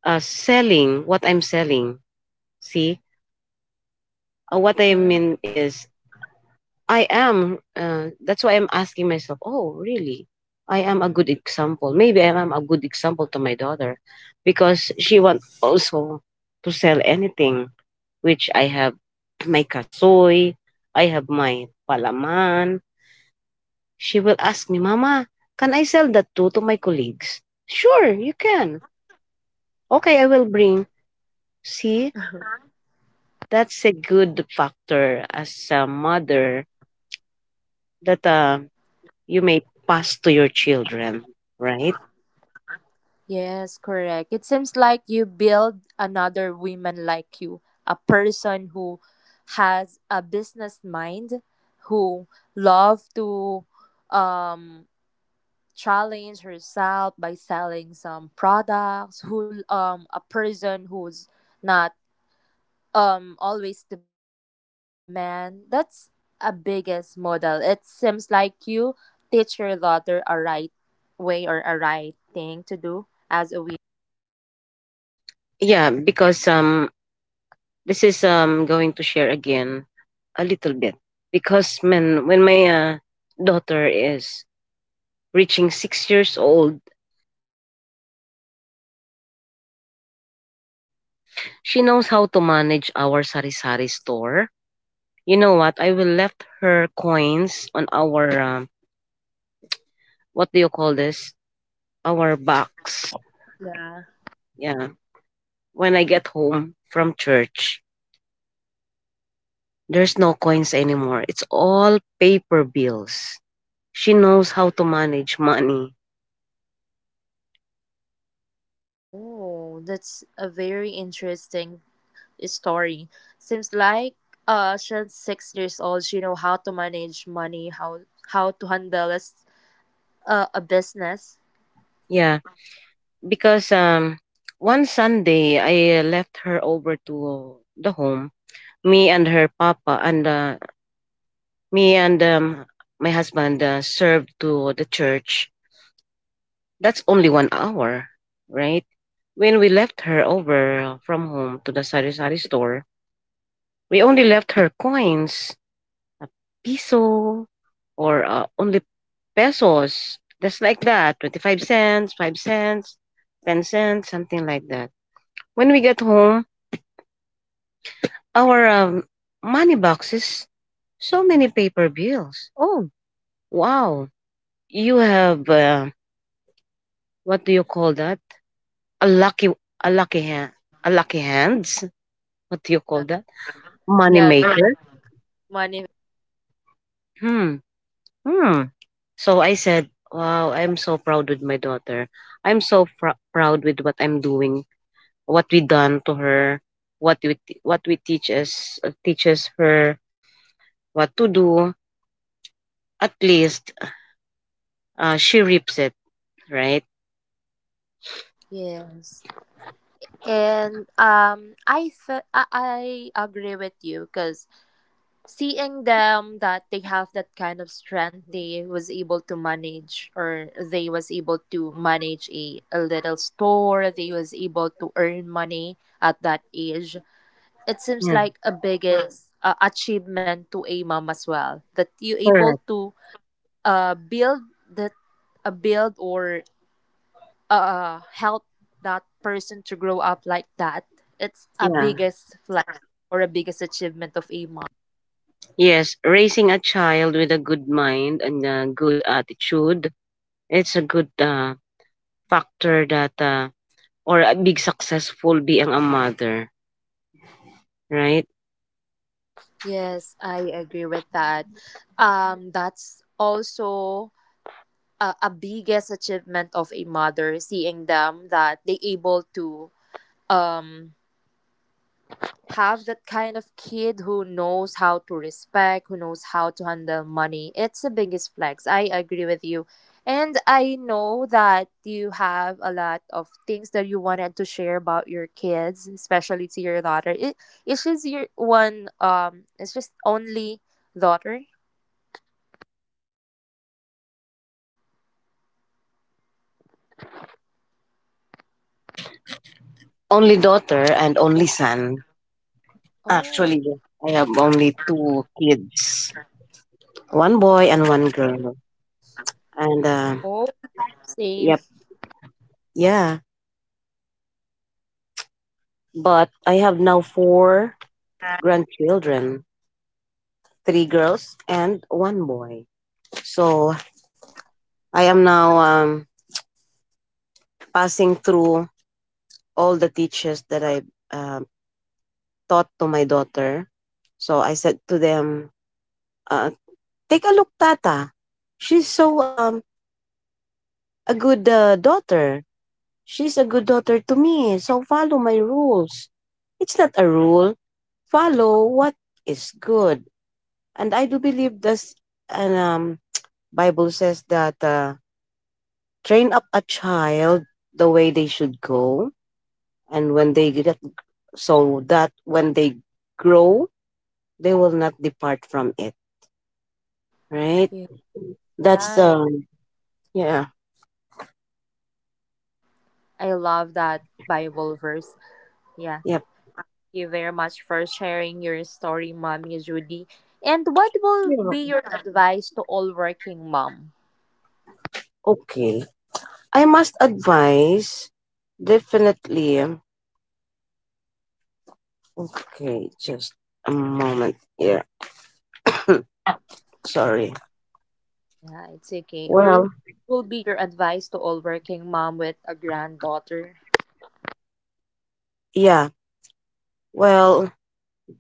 Speaker 2: uh, selling what I'm selling. See, what I
Speaker 1: Yeah.
Speaker 2: mean is, I am. That's why I'm asking myself, oh, really? I am a good example. Maybe I am a good example to my daughter because she wants also to sell anything, which I have my kasoy, I have my palaman. She will ask me, Mama, can I sell that too to my colleagues? Sure, you can. Okay, I will bring. See, that's a good factor as a mother that you may pass to your children, right?
Speaker 1: Yes, correct. It seems like you build another woman like you, a person who has a business mind, who love to um challenge herself by selling some products, who a person who's not always depends on a man. That's a biggest model. It seems like you teach your daughter a right way or a right thing to do as a
Speaker 2: Yeah, because this is going to share again a little bit because when my daughter is reaching six years old, she knows how to manage our sari sari store. You know what? I will left her coins on our what do you call this? Our
Speaker 1: cash.
Speaker 2: box.
Speaker 1: Yeah.
Speaker 2: Yeah. When I get home from church, there's no coins anymore. It's all paper bills. She knows how to manage money.
Speaker 1: Oh, that's a very interesting story. Seems like she's 6 years old. She know how to manage money, how to handle a business.
Speaker 2: Yeah, because one Sunday I left her over to the home. Me and her papa and me and my husband served to the church. That's only one hour, right? When we left her over from home to the sari sari store, we only left her coins, a piso, or only pesos, just like that, 25 cents, 5 cents, 10 cents, something like that. When we got home, our money boxes, so many paper bills. Oh, wow. You have, what do you call that? A lucky, a lucky hand. A lucky hands, what do you call
Speaker 1: Yeah.
Speaker 2: that? Money
Speaker 1: Yeah.
Speaker 2: maker?
Speaker 1: Money.
Speaker 2: Hmm. Hmm. So I said, wow, I'm so proud with my daughter. Proud with what I'm doing, what we done to her, what we teach us teaches her what to do. At least she reaps it, right?
Speaker 1: Yes. And I agree with you because seeing them that they have that kind of strength, they was able to manage or they was able to manage a little store, they was able to earn money at that age, it seems
Speaker 2: Yeah,
Speaker 1: like a biggest achievement to a mom as well, that you able
Speaker 2: correct.
Speaker 1: to build that build or help that person to grow up like that. It's a
Speaker 2: Yeah.
Speaker 1: biggest flex or a biggest achievement of a mom.
Speaker 2: Yes, raising a child with a good mind and a good attitude, it's a good factor that or a big successful being a mother. Right?
Speaker 1: Yes, I agree with that. That's also a biggest achievement of a mother, seeing them that they able to um have that kind of kid who knows how to respect, who knows how to handle money. It's the biggest flex. I agree with you. And I know that you have a lot of things that you wanted to share about your kids, especially to your daughter. It's just your one it's just only daughter.
Speaker 2: Only daughter and only son.
Speaker 1: Oh,
Speaker 2: Actually, I have only 2 kids, one boy and one girl. And
Speaker 1: oh, same.
Speaker 2: yep, yeah. But I have now 4 grandchildren, 3 girls and one boy. So I am now passing through all the teachers that I uh, taught to my daughter. So I said to them, uh, "Take a look, Tata. She's so a good daughter. She's a good daughter to me, so follow my rules. It's not a rule. Follow what is good. And I do believe this and Bible says that train up a child the way they should go and when they get so that when they grow they will not depart from it, right?
Speaker 1: Yeah,
Speaker 2: That's
Speaker 1: right.
Speaker 2: yeah,
Speaker 1: I love that Bible verse. Yeah.
Speaker 2: yep,
Speaker 1: Thank you very much for sharing your story, Mommy Judy. And what will be
Speaker 2: yeah.
Speaker 1: your advice to all working mom?
Speaker 2: Okay. I must advise definitely. Okay, just a moment here. Sorry.
Speaker 1: Yeah, it's okay. Or
Speaker 2: Well,
Speaker 1: will be your advice to all working mom with a granddaughter?
Speaker 2: yeah. Well,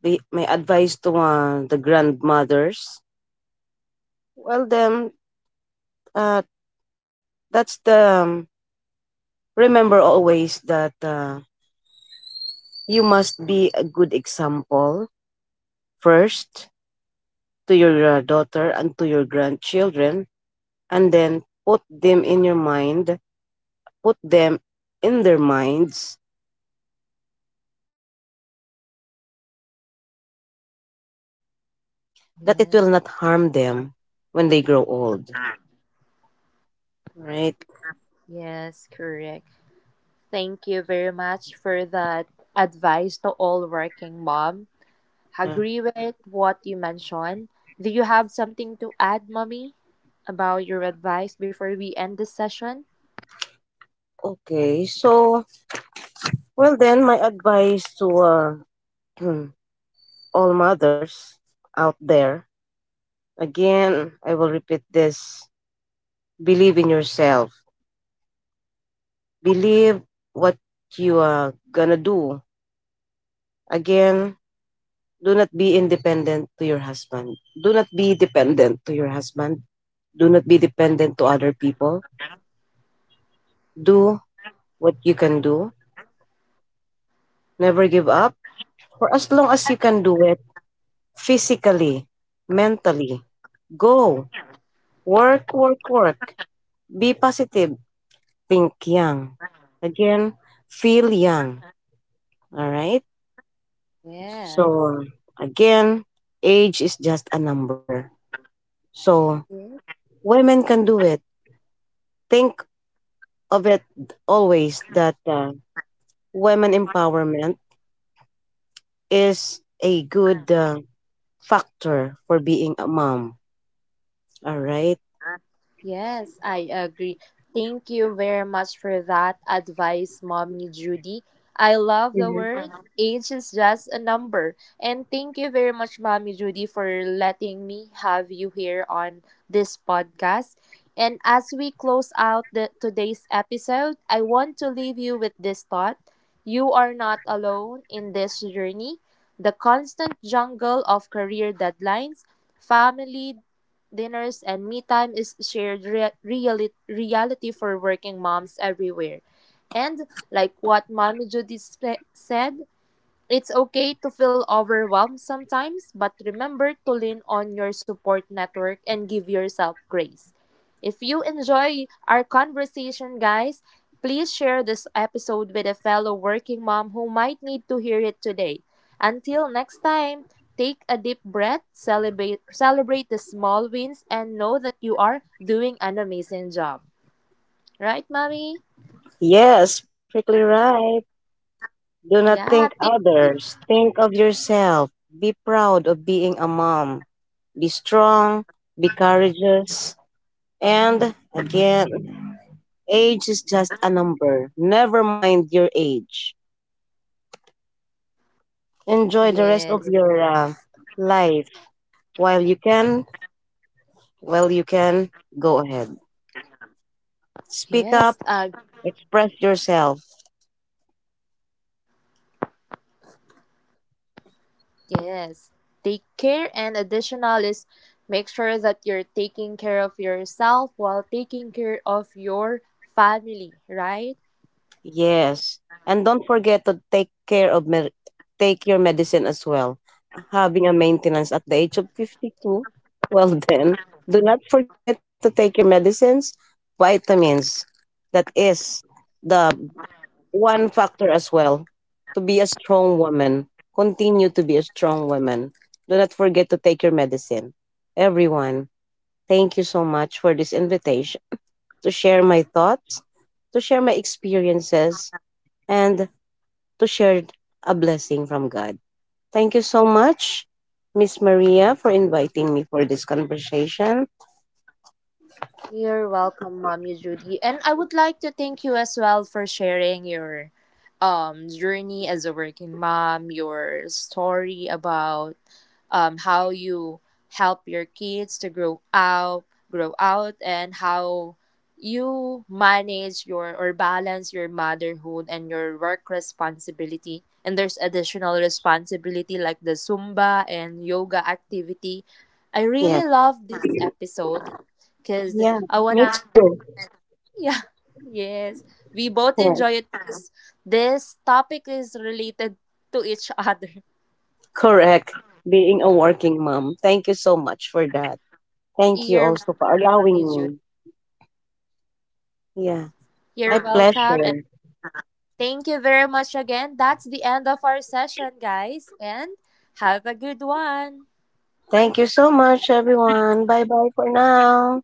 Speaker 2: be my advice to the grandmothers. Well, then, uh, that's the remember always that you must be a good example first to your daughter and to your grandchildren, and then put them in their minds that it
Speaker 1: Yeah.
Speaker 2: will not harm them when they grow old, right?
Speaker 1: Yes, correct. Thank you very much for that advice to all working mom.
Speaker 2: Yeah.
Speaker 1: Agree with what you mentioned. Do you have something to add, Mommy, about your advice before we end this session?
Speaker 2: Okay, so well then my advice to all mothers out there, again, I will repeat this: believe in yourself, believe what you are gonna do. Again, do not be independent to your husband. Do not be dependent to your husband. Do not be dependent to other people. Do what you can do. Never give up. For as long as you can do it physically, mentally, go. Work, work, work. Be positive. Think young. Again, feel young. All right.
Speaker 1: Yes.
Speaker 2: So, again, age is just a number. So, women can do it. Think of it always that women empowerment is a good factor for being a mom. All right.
Speaker 1: Yes, I agree. Thank you very much for that advice, Mommy Judy. I love the
Speaker 2: Mhm.
Speaker 1: word age is just a number. And thank you very much, Mommy Judy, for letting me have you here on this podcast. And as we close out today's episode, I want to leave you with this thought. You are not alone in this journey. The constant jungle of career deadlines, family dinners, and me time is shared reality for working moms everywhere. And like what Mommy Judith said, it's okay to feel overwhelmed sometimes, but remember to lean on your support network and give yourself grace. If you enjoy our conversation, guys, please share this episode with a fellow working mom who might need to hear it today. Until next time, take a deep breath, celebrate the small wins and know that you are doing an amazing job. Right, mommy?
Speaker 2: Yes, perfectly right. Do not
Speaker 1: Yeah,
Speaker 2: think others. Think of yourself. Be proud of being a mom. Be strong. Be courageous. And again, age is just a number. Never mind your age. Enjoy the rest
Speaker 1: yes.
Speaker 2: of your life while you can. While you can, go ahead. Speak
Speaker 1: Yes,
Speaker 2: up. Express yourself.
Speaker 1: yes, take care, and additional is make sure that you're taking care of yourself while taking care of your family, right?
Speaker 2: Yes. And don't forget to take take your medicine as well. Having a maintenance at the age of 52, well then, do not forget to take your medicines, vitamins. That is the one factor as well to be a strong woman. Continue to be a strong woman. Do not forget to take your medicine. Everyone, thank you so much for this invitation to share my thoughts, to share my experiences and to share a blessing from God. Thank you so much, Miss Maria, for inviting me for this conversation.
Speaker 1: You're welcome, Mommy Judy. And I would like to thank you as well for sharing your journey as a working mom, your story about how you help your kids to grow out, and how you manage your or balance your motherhood and your work responsibility. And there's additional responsibility like the Zumba and yoga activity. I
Speaker 2: Yes.
Speaker 1: really love this episode because
Speaker 2: Yeah,
Speaker 1: I
Speaker 2: me
Speaker 1: wanna,
Speaker 2: too.
Speaker 1: yeah, yes, we both
Speaker 2: Yes,
Speaker 1: enjoy it because this topic is related to each other.
Speaker 2: correct. Being a working mom. Thank you so much for that. Thank you
Speaker 1: You're
Speaker 2: also for
Speaker 1: welcome,
Speaker 2: allowing
Speaker 1: Jude.
Speaker 2: me. Yeah, my
Speaker 1: You're welcome.
Speaker 2: pleasure.
Speaker 1: Thank you very much again. That's the end of our session, guys, and have a good one.
Speaker 2: Thank you so much, everyone. Bye bye for now.